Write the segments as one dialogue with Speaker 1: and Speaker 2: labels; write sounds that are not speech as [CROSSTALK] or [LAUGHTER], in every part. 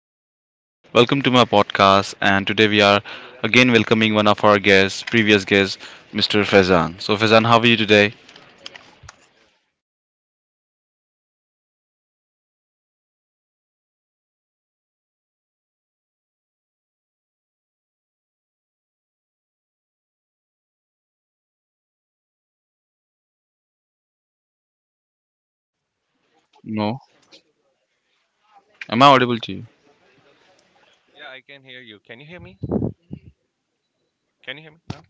Speaker 1: Sohail. Welcome to my podcast. And today we are again welcoming one of our guests, previous guest, Mr. Faizan. So, Faizan, how are you today?
Speaker 2: Yeah, thank you for asking. I'm good. And yeah, can you hear me? Am I audible? Hello? Hello? Hello? Am I audible, Sahil?
Speaker 1: No. Am I audible to you?
Speaker 2: Yeah, I can hear you. Can you hear me? Can you hear me now?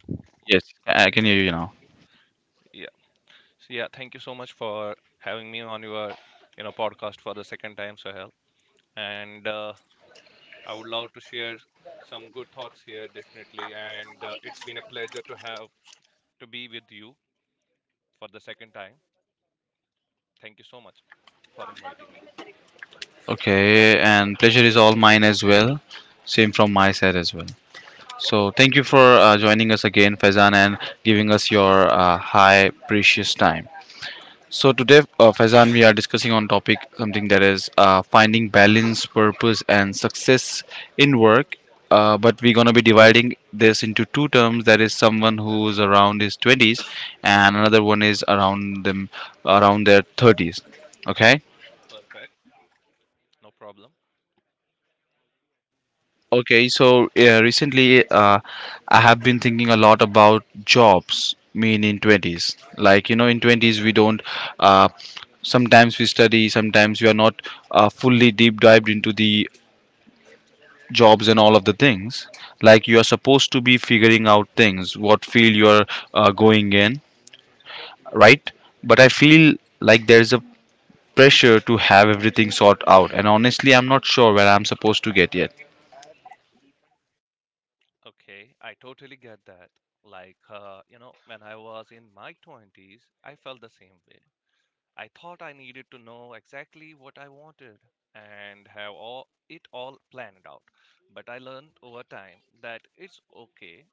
Speaker 1: Yes, I can hear you now.
Speaker 2: Yeah. Thank you so much for having me on your, podcast for the second time, Sahil. And I would love to share some good thoughts here, definitely. And it's been a pleasure to have to be with you for the second time. Thank you so much for inviting me.
Speaker 1: Okay, and pleasure is all mine as well. Same from my side as well. So, thank you for joining us again, Faizan, and giving us your high, precious time. So today, Faizan, we are discussing on topic something that is finding balance, purpose, and success in work. But we're gonna be dividing this into two terms. That is someone who's around his twenties, and another one is around their thirties. Okay.
Speaker 2: Perfect. No problem.
Speaker 1: Okay, so yeah, recently I have been thinking a lot about jobs. Mean in twenties, like you know, in twenties we don't. Uh, sometimes we study, sometimes we are not fully deep dived into the jobs and all of the things. Like you are supposed to be figuring out things, what field you are going in, right? But I feel like there is a pressure to have everything sort out, and honestly, I'm not sure where I'm supposed to get yet.
Speaker 2: Okay, I totally get that. When I was in my 20s, I felt the same way. I thought I needed to know exactly what I wanted and have all planned out. But I learned over time that it's okay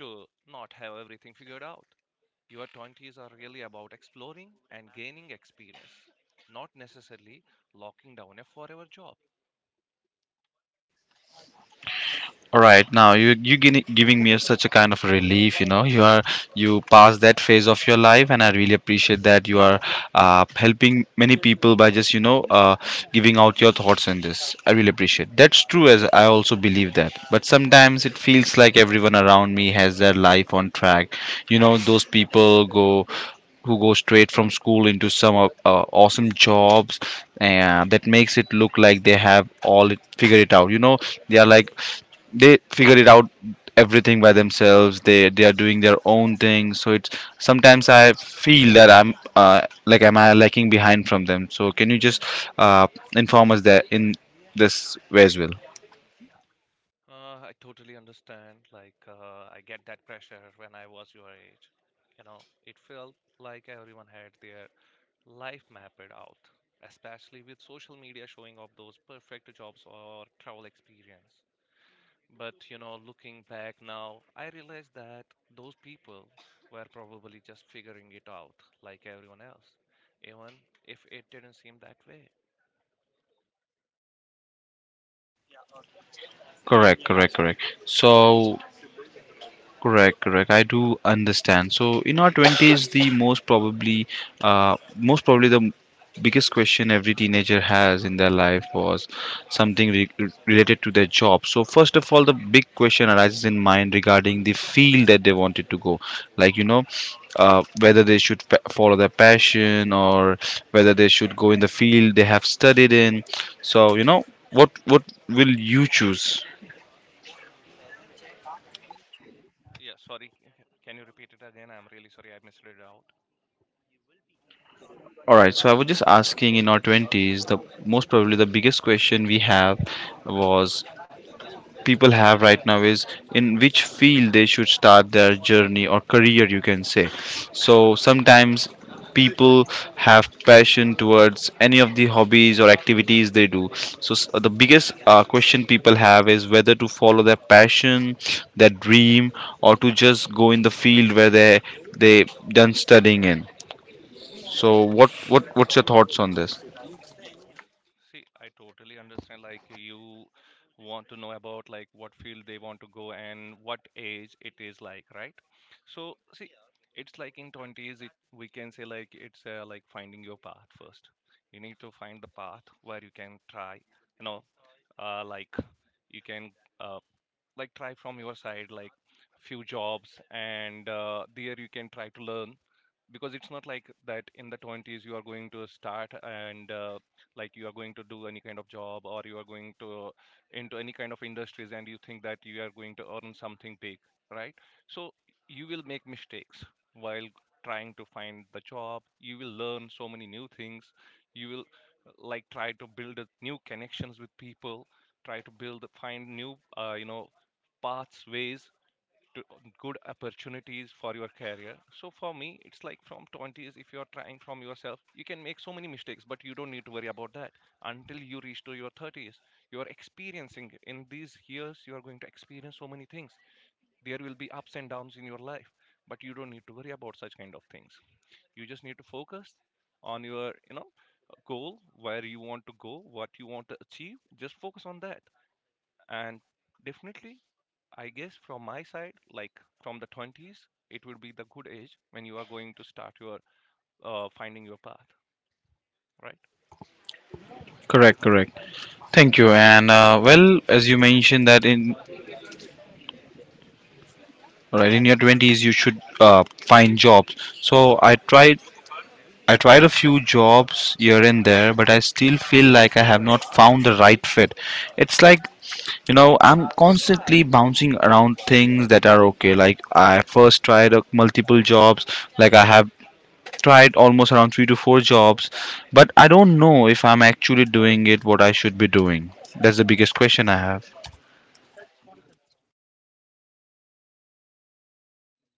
Speaker 2: to not have everything figured out. Your 20s are really about exploring and gaining experience, not necessarily locking down a forever job.
Speaker 1: All right, now you giving me such a kind of relief. You know, you are you passed that phase of your life, and I really appreciate that you are helping many people by just you know giving out your thoughts in this. I really appreciate. That's
Speaker 2: Well,
Speaker 1: true, as I also believe that. But sometimes it feels like everyone around me has their life on track. You know, those people go who go straight from school into some awesome jobs and that makes it look like they have all it, figured it out, you know, they are like they figure it out everything by themselves, they are doing their own thing. So it's sometimes I feel that I'm like am I lacking behind from them? So can you just uh, inform us that in this way as well?
Speaker 2: I totally understand. I get that pressure when I was your age. You know, it felt like everyone had their life mapped out, especially with social media showing off those perfect jobs or travel experience. But, you know, looking back now, I realize that those people were probably just figuring it out like everyone else, even if it didn't seem that way.
Speaker 1: correct correct correct so Correct, correct. I do understand. So in our twenties, the most probably the biggest question every teenager has in their life was something related to their job. So first of all, the big question arises in mind regarding the field that they wanted to go, like you know, whether they should follow their passion or whether they should go in the field they have studied in. So you know, what will you choose?
Speaker 2: Yeah, sorry. Can you repeat it again? I'm really sorry I missed it out.
Speaker 1: All right, so I was just asking in our 20s, the most probably the biggest question we have was people have right now is in which field they should start their journey or career, you can say. So sometimes people have passion towards any of the hobbies or activities they do. So the biggest question people have is whether to follow their passion, their dream, or to just go in the field where they done studying in. So what's your thoughts on this?
Speaker 2: See, I totally understand. Like, you want to know about like what field they want to go and what age it is like, right? So, see, it's like in 20s, we can say like finding your path first. You need to find the path where you can try, you know, uh, like you can uh, try from your side like few jobs and there you can try to learn, because it's not like that in the 20s you are going to start and like you are going to do any kind of job, or you are going to into any kind of industries and you think that you are going to earn something big, right? So you will make mistakes while trying to find the job. You will learn so many new things. You will like try to build new connections with people, try to build find new pathways to good opportunities for your career. So for me it's like, from 20s, if you're trying from yourself, you can make so many mistakes, but you don't need to worry about that until you reach to your 30s. You're experiencing it. In these years you are going to experience so many things. There will be ups and downs in your life, but you don't need to worry about such kind of things. You just need to focus on your, you know, goal, where you want to go, what you want to achieve. Just focus on that. And definitely, I guess from my side, like from the 20s, it would be the good age when you are going to start your finding your path, right?
Speaker 1: Correct, correct. Thank you. And well, as you mentioned that in right in your twenties you should find jobs. So I tried. I tried a few jobs here and there, but I still feel like I have not found the right fit. It's like you know I'm constantly bouncing around things that are okay. Like I first tried multiple jobs. Like I have tried almost around 3 to 4 jobs, but I don't know if I'm actually doing it what I should be doing. That's the biggest question I have.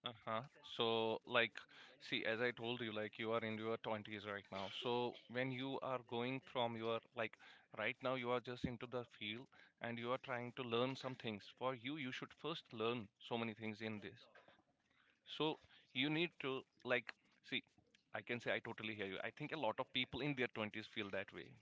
Speaker 2: Uh-huh. So, like, see, as I told you, like, you are in your 20s right now. So, when you are going from your, like, right now, you are just into the field and you are trying to learn some things. For you, you should first learn so many things in this. So, you need to, like, see, I can say I totally hear you. I think a lot of people in their 20s feel that way.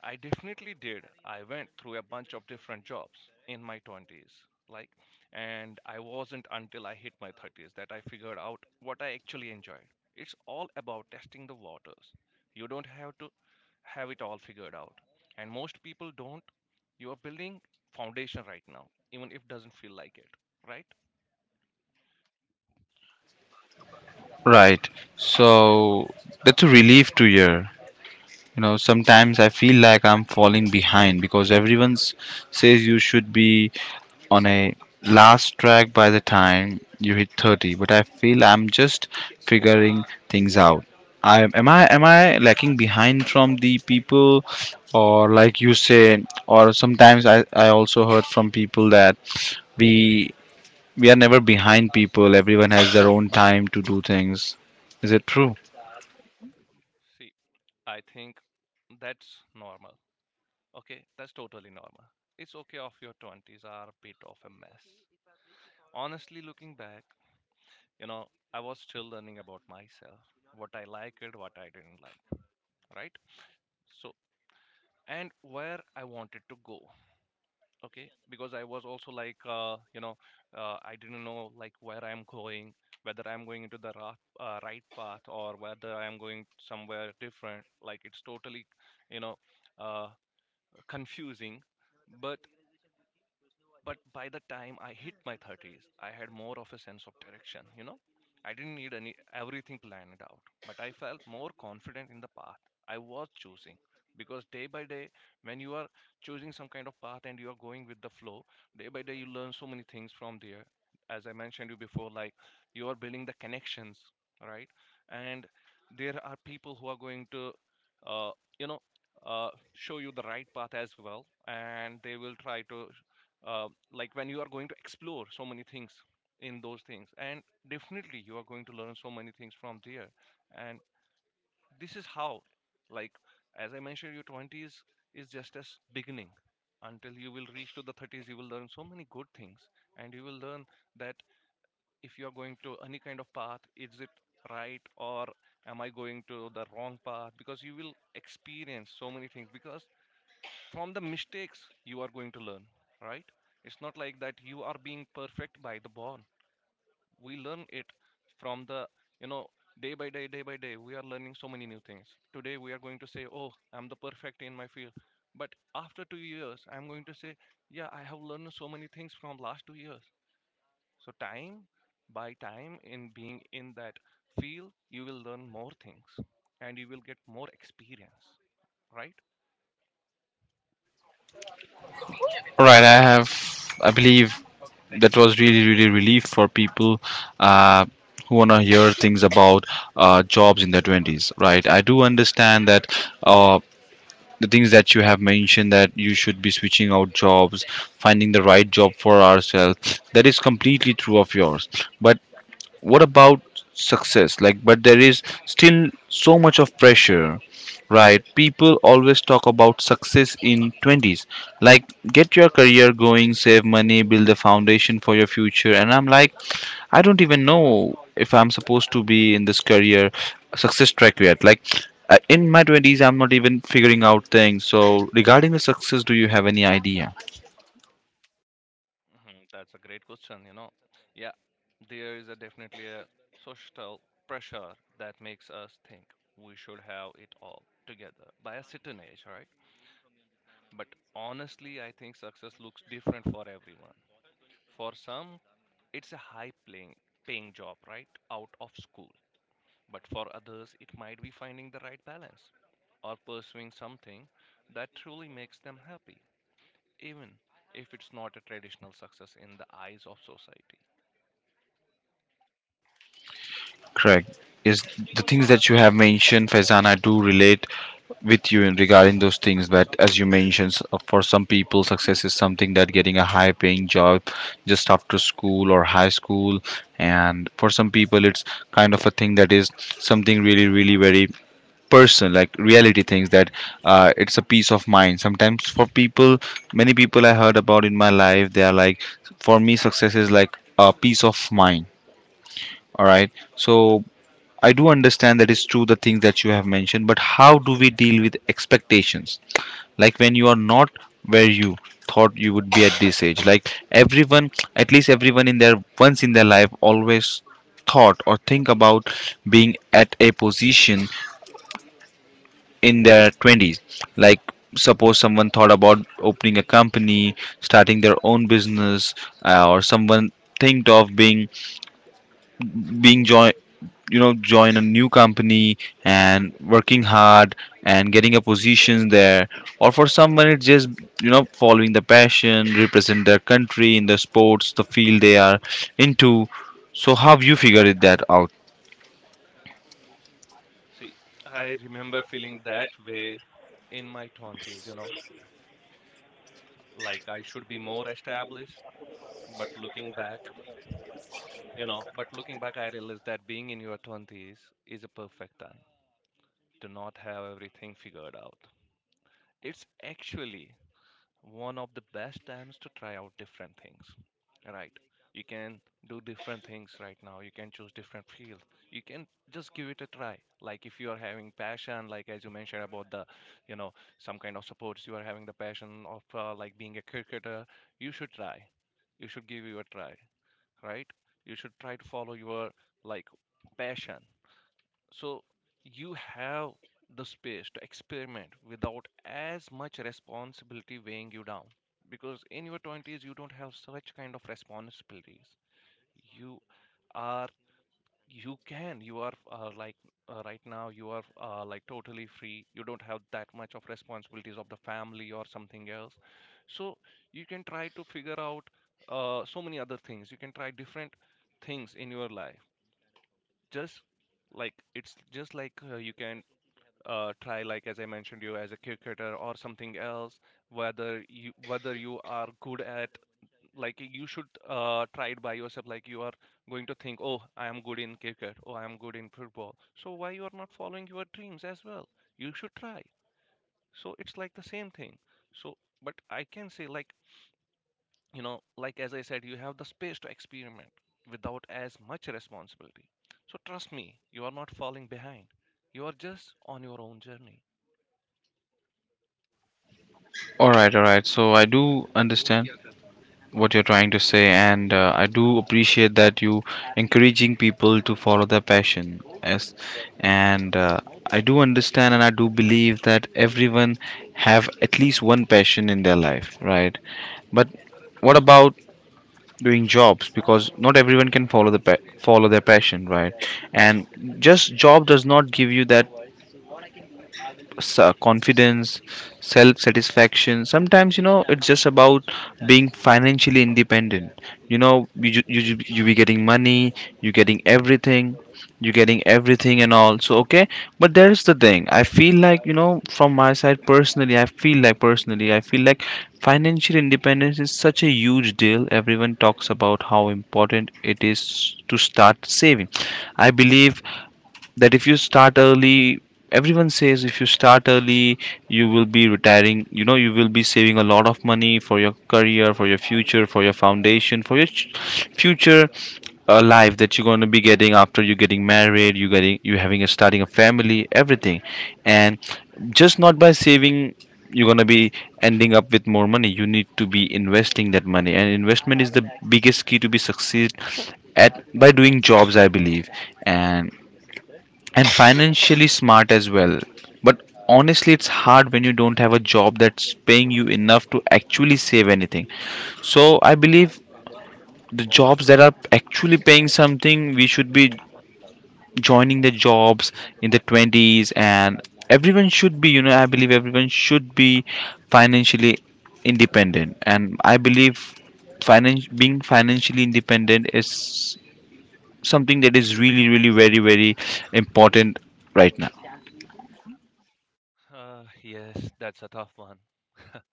Speaker 2: I definitely did. I went through a bunch of different jobs in my 20s. Like, and I wasn't until I hit my 30s that I figured out what I actually enjoyed. It's all about testing the waters. You don't have to have it all figured out. And most people don't. You are building foundation right now, even if it doesn't feel like it, right?
Speaker 1: Right. So that's a relief to hear. You know, sometimes I feel like I'm falling behind because everyone says you should be on a last track by the time you hit 30, but I feel I'm just figuring things out. I am I am I lacking behind from the people, or like you say, or sometimes I also heard from people that we we are never behind people. Everyone has their own time to do things. Is it true?
Speaker 2: See, I think that's normal. Okay, that's totally normal. It's okay if your 20s are a bit of a mess. Honestly, looking back, you know, I was still learning about myself, what I liked, what I didn't like, right? So, and where I wanted to go, okay? Because I was also like, I didn't know like where I'm going, whether I'm going into the right path or whether I'm going somewhere different. Like it's totally, you know, uh, confusing. But But by the time I hit my 30s, I had more of a sense of direction, you know? I didn't need any everything planned out, but I felt more confident in the path I was choosing, because day by day, when you are choosing some kind of path and you are going with the flow, day by day you learn so many things from there. As I mentioned you before, like, you are building the connections, right? And there are people who are going to uh, you know show you the right path as well, and they will try to like, when you are going to explore so many things, in those things, and definitely you are going to learn so many things from there. And this is how, like, as I mentioned, your 20s is just as beginning. Until you will reach to the 30s, you will learn so many good things, and you will learn that if you are going to any kind of path, is it right, or am I going to the wrong path? Because you will experience so many things, because from the mistakes you are going to learn, right? It's not like that you are being perfect by the born. We learn it from the, you know, day by day, day by day we are learning so many new things. Today we are going to say, oh, I'm the perfect in my field, but after 2 years I'm going to say, yeah, I have learned so many things from last 2 years. So time by time, in being in that field, you will learn more things, and you will get more experience, right?
Speaker 1: All right, I have, I believe that was really, really relief for people uh, who want to hear things about jobs in their 20s, right? I do understand that uh, the things that you have mentioned, that you should be switching out jobs, finding the right job for ourselves, that is completely true of yours. But what about success? Like, but there is still so much of pressure, right? People always talk about success in 20s, like get your career going, save money, build a foundation for your future, and I'm like, I don't even know if I'm supposed to be in this career success track yet. Like in my 20s I'm not even figuring out things. So regarding the success, do you have any idea?
Speaker 2: Mhm. That's a great question, you know. Yeah, there is a definitely a social pressure that makes us think we should have it all together by a certain age, right? But honestly, I think success looks different for everyone. For some, it's a high paying paying job right out of school, but for others, it might be finding the right balance or pursuing something that truly makes them happy, even if it's not a traditional success in the eyes of society.
Speaker 1: Correct. Is the things that you have mentioned, Faizan, I do relate with you in regarding those things. But as you mentioned, for some people, success is something that getting a high-paying job just after school or high school, and for some people, it's kind of a thing that is something really, really very person like reality things that it's a peace of mind sometimes for people. Many people I heard about in my life they are like, for me success is like a peace of mind. All right, so I do understand that is true, the things that you have mentioned, but how do we deal with expectations? Like when you are not where you thought you would be at this age. Like everyone, at least everyone in their once in their life always thought or think about being at a position in their 20s. Like suppose someone thought about opening a company, starting their own business, or someone think of being being join you know join a new company and working hard and getting a position there, or for someone it's just you know following the passion, represent their country in the sports, the field they are into. So how have you figured it that out?
Speaker 2: See, I remember feeling that way in my 20s, you know, like I should be more established. But looking back, but looking back, I realized that being in your 20s is a perfect time to not have everything figured out. It's actually one of the best times to try out different things, right? You can do different things right now. You can choose different fields. You can just give it a try. Like, if you are having passion, like as you mentioned about the, you know, some kind of sports, you are having the passion of like being a cricketer, you should try. You should give you a try, right? You should try to follow your, like, passion. So you have the space to experiment without as much responsibility weighing you down, because in your 20s you don't have such kind of responsibilities. you are you can, you are right now, you are like totally free. You don't have that much of responsibilities of the family or something else. So you can try to figure out so many other things. You can try different things in your life. Just, like, it's just like, you can try, like as I mentioned you, as a cricketer or something else. Whether you are good at, like you should try it by yourself. Like, you are going to think, oh, I am good in cricket, oh, I am good in football, so why you are not following your dreams as well? You should try. So it's like the same thing. So, but I can say, like, you know, like as I said, you have the space to experiment without as much responsibility. So trust me, you are not falling behind. You are just on your own journey.
Speaker 1: All right, all right. So I do understand what you're trying to say, and I do appreciate that you encouraging people to follow their passion. Yes, and I do understand and I do believe that everyone have at least one passion in their life, right? But what about doing jobs? Because not everyone can follow the follow their passion, right? And just job does not give you that confidence, self satisfaction sometimes, you know. It's just about being financially independent, you know. You be getting money, you're getting everything, you're getting everything and all, so okay. But there's the thing, I feel like, you know, from my side personally I feel like, financial independence is such a huge deal. Everyone talks about how important it is to start saving. I believe that if you start early, everyone says if you start early, you will be retiring, you know, you will be saving a lot of money for your career, for your future, for your foundation, for your future life that you're going to be getting after you getting married, you getting, you having a, starting a family, everything. And just not by saving, you're going to be ending up with more money. You need to be investing that money, and investment is the biggest key to be succeed at by doing jobs, I believe, and and financially smart as well. But honestly, it's hard when you don't have a job that's paying you enough to actually save anything. So I believe the jobs that are actually paying something, we should be joining the jobs in the 20s, and everyone should be, you know, I believe everyone should be financially independent. And I believe finance being financially independent is something that is really, really very, very important right now.
Speaker 2: Yes, that's a tough one. [LAUGHS]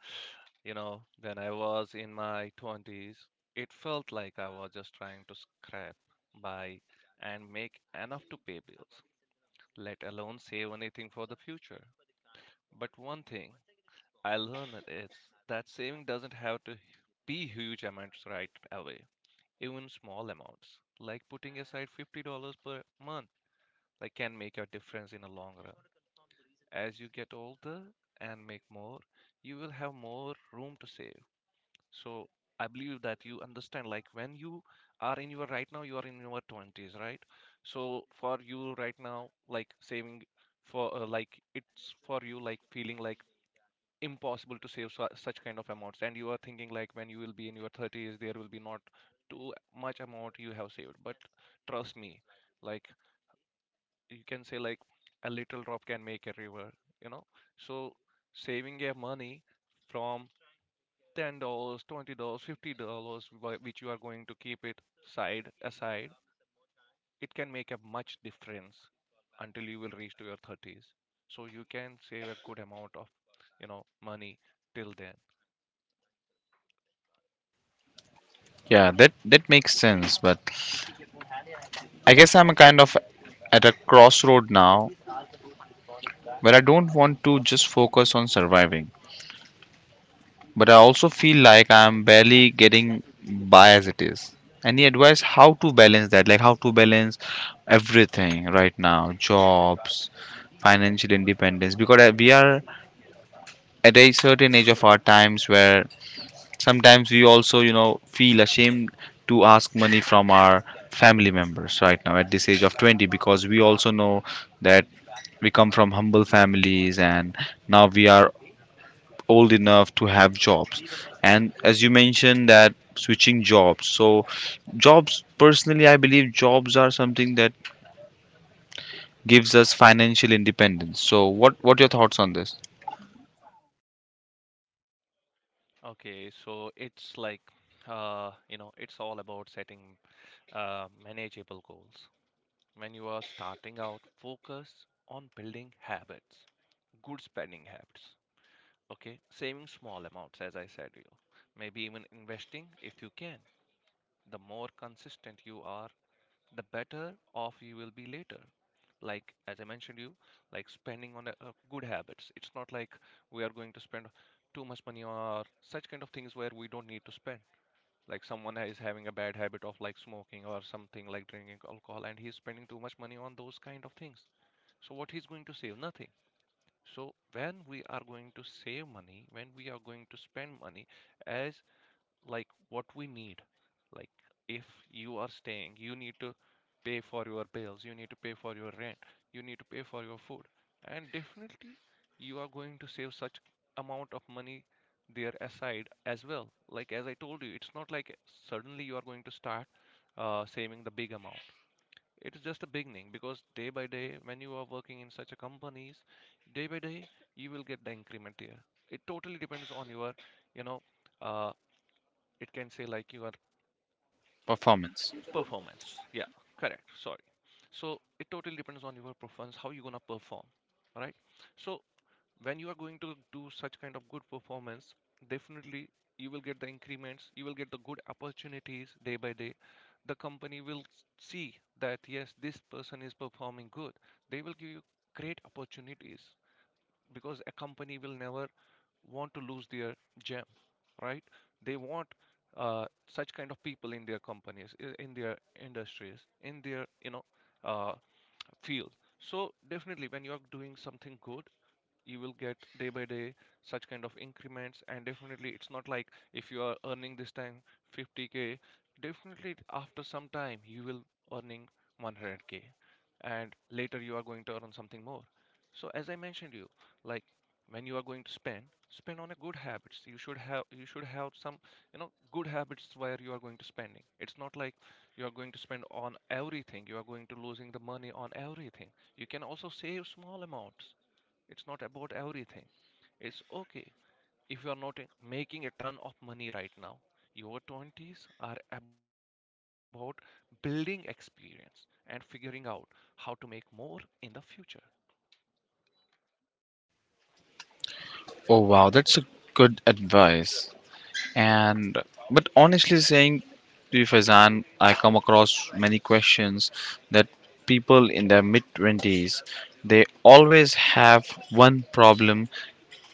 Speaker 2: You know, when I was in my 20s, it felt like I was just trying to scrape by and make enough to pay bills, let alone save anything for the future. But one thing I learned is that saving doesn't have to be huge amounts right away. Even small amounts, like putting aside $50 per month, like can make a difference in the long run. As you get older and make more, you will have more room to save. So I believe that you understand, like when you are in your right now, you are in your twenties, right? So for you right now, like saving for like it's for you like feeling like impossible to save such kind of amounts and you are thinking like when you will be in your thirties there will be not too much amount you have saved, but trust me, like you can say like a little drop can make a river, you know so saving your money from $10, $20, $50 which you are going to keep it side aside, it can make a much difference until you will reach to your thirties, so you can save a good amount of money till then.
Speaker 1: Yeah, that that makes sense, but I guess I'm kind of at a crossroad now where I don't want to just focus on surviving, but I also feel like I'm barely getting by as it is. Any advice how to balance that? Like how to balance everything right now, jobs, financial independence, because we are at a certain age of our times where sometimes we also you know feel ashamed to ask money from our family members right now at this age of 20, because we also know that we come from humble families and now we are old enough to have jobs. And as you mentioned that switching jobs, so jobs, personally I believe jobs are something that gives us financial independence. So what are your thoughts on this?
Speaker 2: Okay, so it's like you know, it's all about setting manageable goals. When you are starting out, focus on building habits, good spending habits. Okay, saving small amounts, as I said, to you, maybe even investing if you can. The more consistent you are, the better off you will be later. Like as I mentioned, you like spending on a, good habits. It's not like we are going to spend too much money or such kind of things where we don't need to spend, like someone is having a bad habit of like smoking or something like drinking alcohol, and he's spending too much money on those kind of things, so what he's going to save? Nothing. So when we are going to save money, when we are going to spend money as like what we need, like if you are staying, you need to pay for your bills, you need to pay for your rent, you need to pay for your food, and definitely you are going to save such amount of money there aside as well. Like as I told you, it's not like suddenly you are going to start saving the big amount. It is just a beginning, because day by day when you are working in such a companies, day by day you will get the increment there. It totally depends on your you know uh, it can say like your
Speaker 1: Performance
Speaker 2: performance. Yeah, correct, sorry. So it totally depends on your performance, how you're gonna perform. All right, so when you are going to do such kind of good performance, definitely you will get the increments, you will get the good opportunities day by day. The company will see that yes, this person is performing good, they will give you great opportunities, because a company will never want to lose their gem, right? They want such kind of people in their companies, in their industries, in their uh, field. So definitely, when you are doing something good, you will get day by day such kind of increments, and definitely it's not like if you are earning this time 50k, definitely after some time you will earning 100k, and later you are going to earn something more. So as I mentioned you, like when you are going to spend, spend on a good habits. You should have some, you know, good habits where you are going to spending. It's not like you are going to spend on everything, you are going to losing the money on everything. You can also save small amounts. It's not about everything. It's okay if you are not making a ton of money right now. Your twenties are about building experience and figuring out how to make more in the future.
Speaker 1: Oh wow, that's a good advice. And but honestly saying to you, Faizan, I come across many questions that people in their mid twenties they always have one problem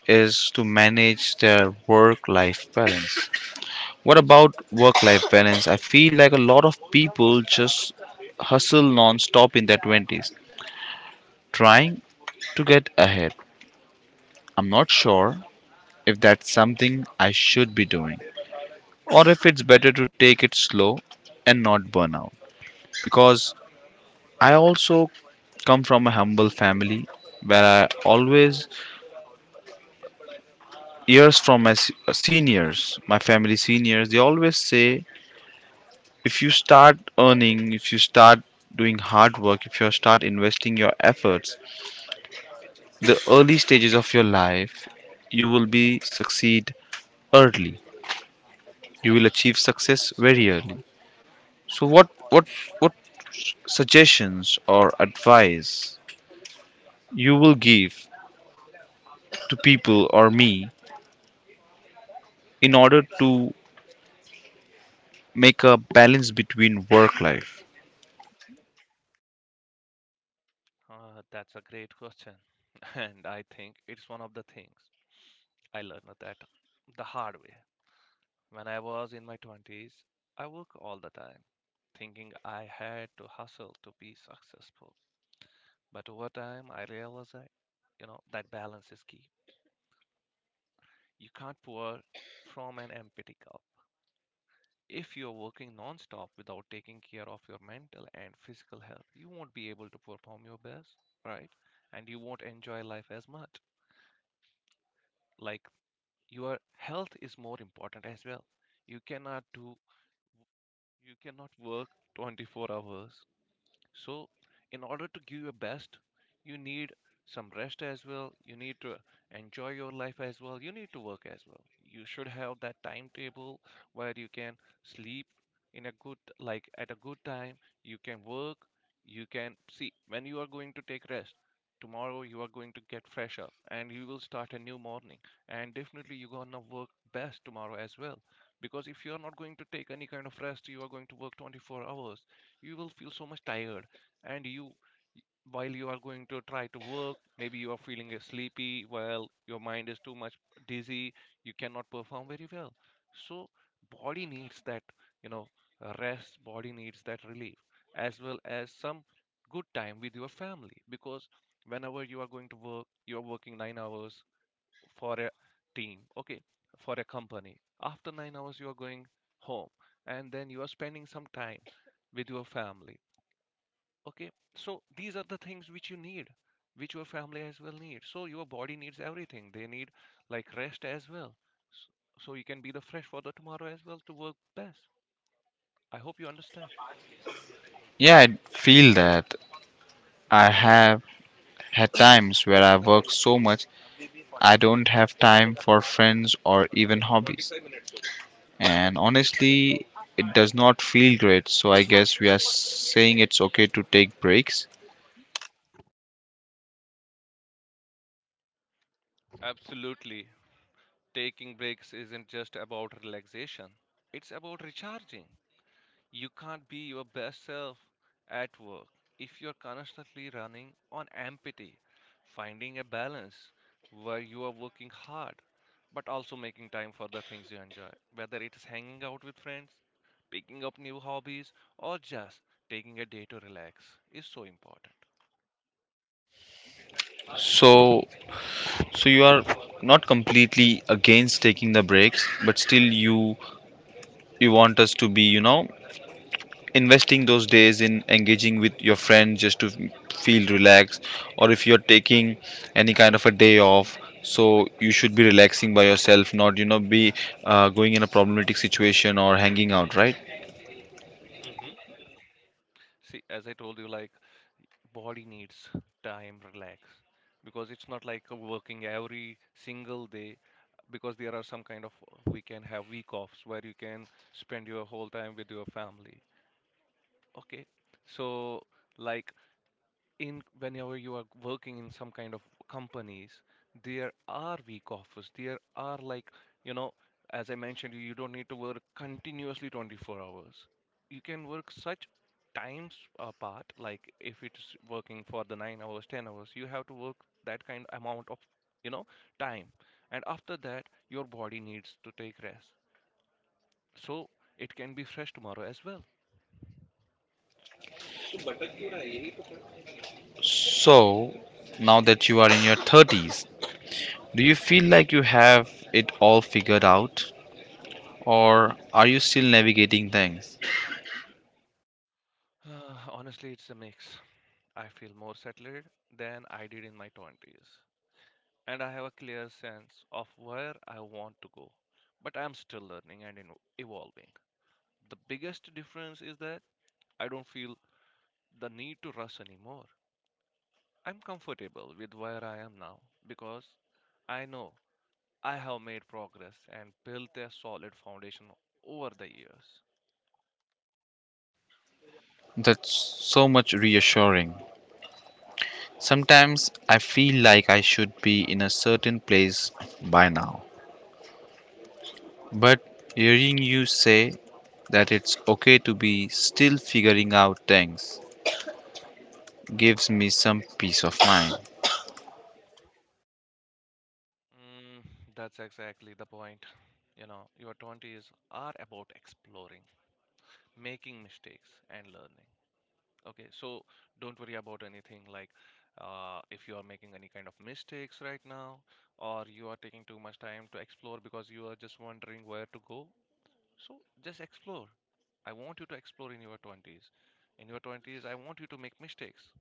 Speaker 1: is to manage their work life balance. What about work life balance? I feel like a lot of people just hustle non stop in their twenties, trying to get ahead. I'm not sure if that's something I should be doing, or if it's better to take it slow and not burn out. Because I also come from a humble family where I always years from seniors, my family seniors, they always say if you start earning, if you start doing hard work, if you start investing your efforts, the early stages of your life, you will be succeed early. You will achieve success very early. So what suggestions or advice you will give to people or me in order to make a balance between work life?
Speaker 2: That's a great question. [LAUGHS] And I think it's one of the things I learned that the hard way. When I was in my twenties, I worked all the time, thinking I had to hustle to be successful. But over time, I realized that, you know, that balance is key. You can't pour from an empty cup. If you're working non-stop without taking care of your mental and physical health, you won't be able to perform your best, right? And you won't enjoy life as much. Like your health is more important as well, you cannot do, you cannot work 24 hours. So in order to give your best, you need some rest as well. You need to enjoy your life as well. You need to work as well. You should have that timetable where you can sleep in a good, like at a good time. You can work, you can see when you are going to take rest. Tomorrow you are going to get fresh up and you will start a new morning. And definitely you're gonna work best tomorrow as well. Because if you are not going to take any kind of rest, you are going to work 24 hours, you will feel so much tired, and you while you are going to try to work, maybe you are feeling sleepy, well your mind is too much dizzy, you cannot perform very well. So body needs that, you know rest, body needs that relief as well, as some good time with your family, because whenever you are going to work, you are working 9 hours for a team, okay, for a company. After 9 hours you are going home, and then you are spending some time with your family. Okay, so these are the things which you need, which your family as well need. So your body needs everything. They need like rest as well. S- So you can be the fresh for the tomorrow as well to work best. I hope you understand.
Speaker 1: Yeah, I feel that. I have had times where I work so much I don't have time for friends or even hobbies. And honestly, it does not feel great, so I guess we are saying it's okay to take breaks.
Speaker 2: Absolutely. Taking breaks isn't just about relaxation, it's about recharging. You can't be your best self at work if you're constantly running on empty. Finding a balance where you are working hard but also making time for the things you enjoy, whether it is hanging out with friends, picking up new hobbies, or just taking a day to relax, is so important.
Speaker 1: So, so you are not completely against taking the breaks, but still you want us to be, you know, investing those days in engaging with your friends just to feel relaxed, or if you're taking any kind of a day off so you should be relaxing by yourself, not, you know, be going in a problematic situation or hanging out, right?
Speaker 2: Mhm. See, as I told you, like body needs time, relax, because it's not like working every single day. Because there are some kind of, we can have week offs where you can spend your whole time with your family. Okay, so like in whenever you are working in some kind of companies, there are week offers there, are like, you know, as I mentioned, you don't need to work continuously 24 hours. You can work such times apart, like if it's working for the 9 hours, 10 hours, you have to work that kind amount of, you know, time, and after that your body needs to take rest, so it can be fresh tomorrow as well.
Speaker 1: So now that you are in your 30s, do you feel like you have it all figured out or are you still navigating things?
Speaker 2: [SIGHS] Honestly, it's a mix. I feel more settled than I did in my twenties, and I have a clear sense of where I want to go. But I'm still learning and evolving. The biggest difference is that I don't feel the need to rush anymore. I'm comfortable with where I am now because I know I have made progress and built a solid foundation over the years.
Speaker 1: That's so much reassuring. Sometimes I feel like I should be in a certain place by now. But hearing you say that it's okay to be still figuring out things gives me some peace of mind.
Speaker 2: Mm, that's exactly the point. You know, your twenties are about exploring, making mistakes, and learning. Okay, so don't worry about anything like if you are making any kind of mistakes right now, or you are taking too much time to explore because you are just wondering where to go. So just explore. I want you to explore in your twenties. In your twenties, I want you to make mistakes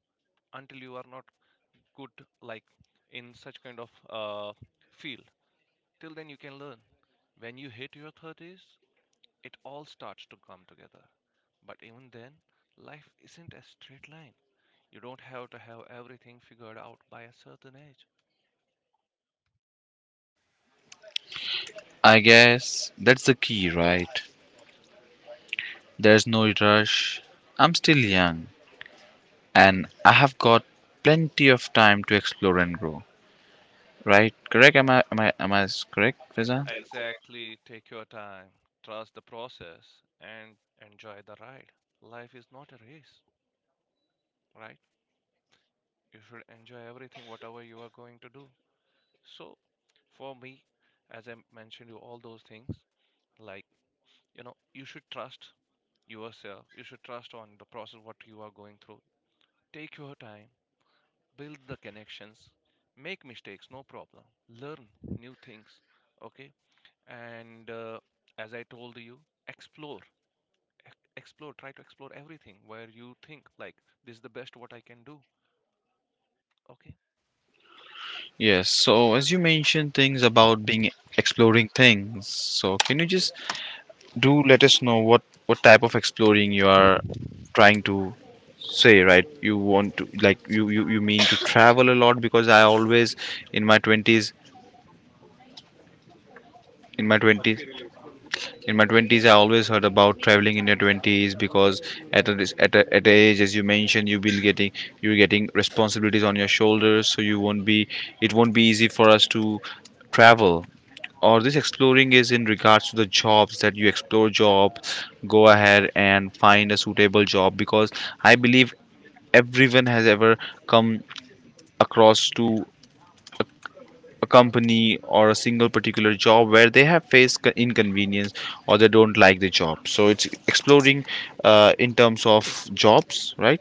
Speaker 2: until you are not good, like in such kind of field. Till then, you can learn. When you hit your thirties, it all starts to come together. But even then, life isn't a straight line. You don't have to have everything figured out by a certain age.
Speaker 1: I guess that's the key, right? There's no rush. I'm still young and I have got plenty of time to explore and grow. Right? Correct? Am I correct, Fiza?
Speaker 2: Exactly, take your time, trust the process, and enjoy the ride. Life is not a race, right? You should enjoy everything, whatever you are going to do. So for me, as I mentioned you all those things, like, you know, you should trust yourself. You should trust on the process what you are going through. Take your time, build the connections, make mistakes, no problem. Learn new things, okay? And as I told you, explore, explore. Try to explore everything where you think like this is the best what I can do. Okay,
Speaker 1: Yes. So as you mentioned things about being exploring things, so can you just do let us know what type of exploring you are trying to say, right? You want to, like you mean to travel a lot, because I always in my 20s in my 20s in my 20s I always heard about traveling in your 20s because at a age as you mentioned you will getting you're getting responsibilities on your shoulders, so you won't be it won't be easy for us to travel. Or this exploring is in regards to the jobs, that you explore job, go ahead and find a suitable job because I believe everyone has ever come across to a company or a single particular job where they have faced inconvenience or they don't like the job, so it's exploring in terms of jobs, right?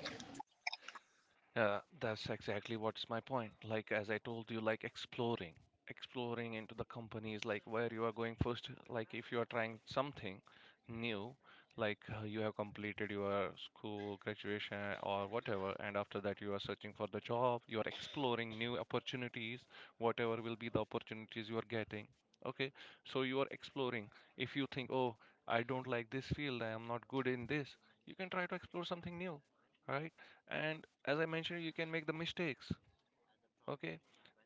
Speaker 2: That's exactly what's my point. Like as I told you, like exploring, exploring into the companies, like where you are going first. Like if you are trying something new, like you have completed your school graduation or whatever, and after that you are searching for the job. You are exploring new opportunities, whatever will be the opportunities you are getting. Okay, so you are exploring. If you think, oh, I don't like this field, I am not good in this, you can try to explore something new, right? And as I mentioned, you can make the mistakes. Okay,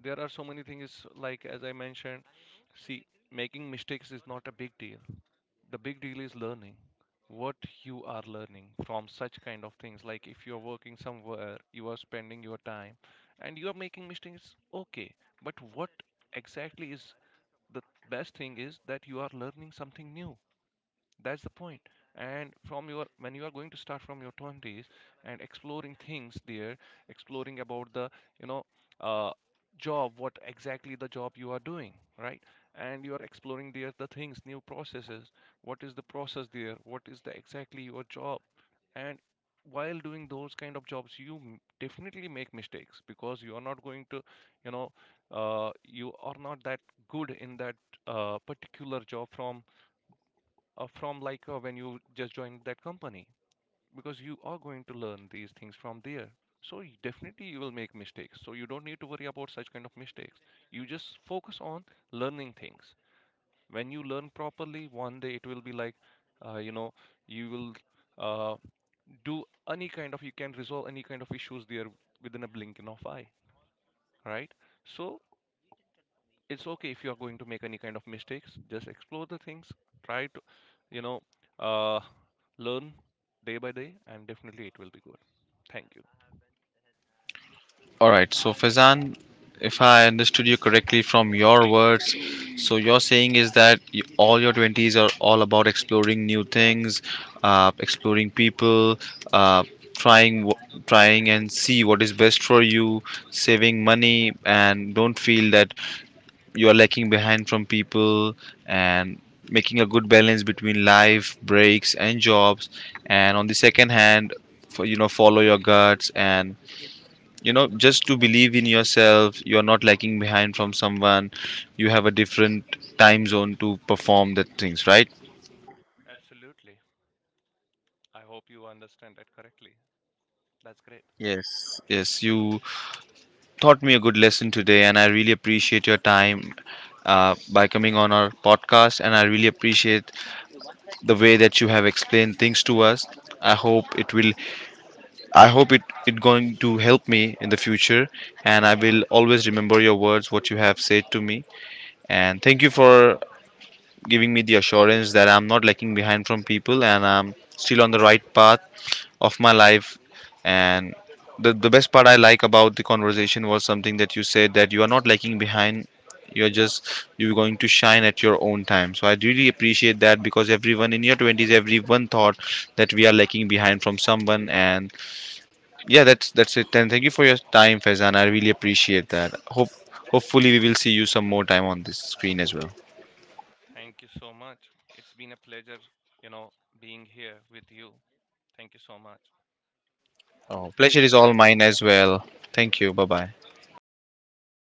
Speaker 2: there are so many things like as I mentioned, see, making mistakes is not a big deal. The big deal is learning. What you are learning from such kind of things, like if you're working somewhere, you are spending your time and you are making mistakes, okay? But what exactly is the best thing is that you are learning something new. That's the point. And from your, when you are going to start from your twenties and exploring things there, exploring about the you know uh, job, what exactly the job you are doing, right? And you are exploring there the things, new processes. What is the process there? What is the exactly your job? And while doing those kind of jobs, you definitely make mistakes, because you are not going to, you know, you are not that good in that particular job from like when you just joined that company, because you are going to learn these things from there. So you definitely you will make mistakes, so you don't need to worry about such kind of mistakes. You just focus on learning things. When you learn properly, one day it will be like uh, you know you will uh, do any kind of, you can resolve any kind of issues there within a blinking of eye, right? So it's okay if you are going to make any kind of mistakes. Just explore the things, try to, you know, uh, learn day by day, and definitely it will be good. Thank you.
Speaker 1: All right, so Fazan, if I understood you correctly from your words, so you're saying is that y all your 20s are all about exploring new things, exploring people, uh, trying wh- trying and see what is best for you, saving money and don't feel that you are lacking behind from people and making a good balance between life, breaks and jobs, and on the second hand, for, you know, follow your guts and you know just to believe in yourself, you are not lagging behind from someone. You have a different time zone to perform the things, right?
Speaker 2: Absolutely. I hope you understand that correctly. That's great.
Speaker 1: Yes, yes, you taught me a good lesson today and I really appreciate your time, by coming on our podcast, and I really appreciate the way that you have explained things to us. I hope it will, I hope it going to help me in the future, and I will always remember your words what you have said to me. And thank you for giving me the assurance that I'm not lagging behind from people and I'm still on the right path of my life. And the best part I like about the conversation was something that you said, that you are not lagging behind. You're going to shine at your own time. So I really appreciate that, because everyone in your twenties, everyone thought that we are lagging behind from someone. And yeah, that's it. And thank you for your time, Faizan. I really appreciate that. Hopefully we will see you some more time on this screen as well.
Speaker 2: Thank you so much, it's been a pleasure, you know, being here with you. Thank you so much.
Speaker 1: Oh,
Speaker 2: Take
Speaker 1: pleasure is
Speaker 2: care.
Speaker 1: all mine as well. Thank you. Bye bye.
Speaker 2: Bye bye, take care.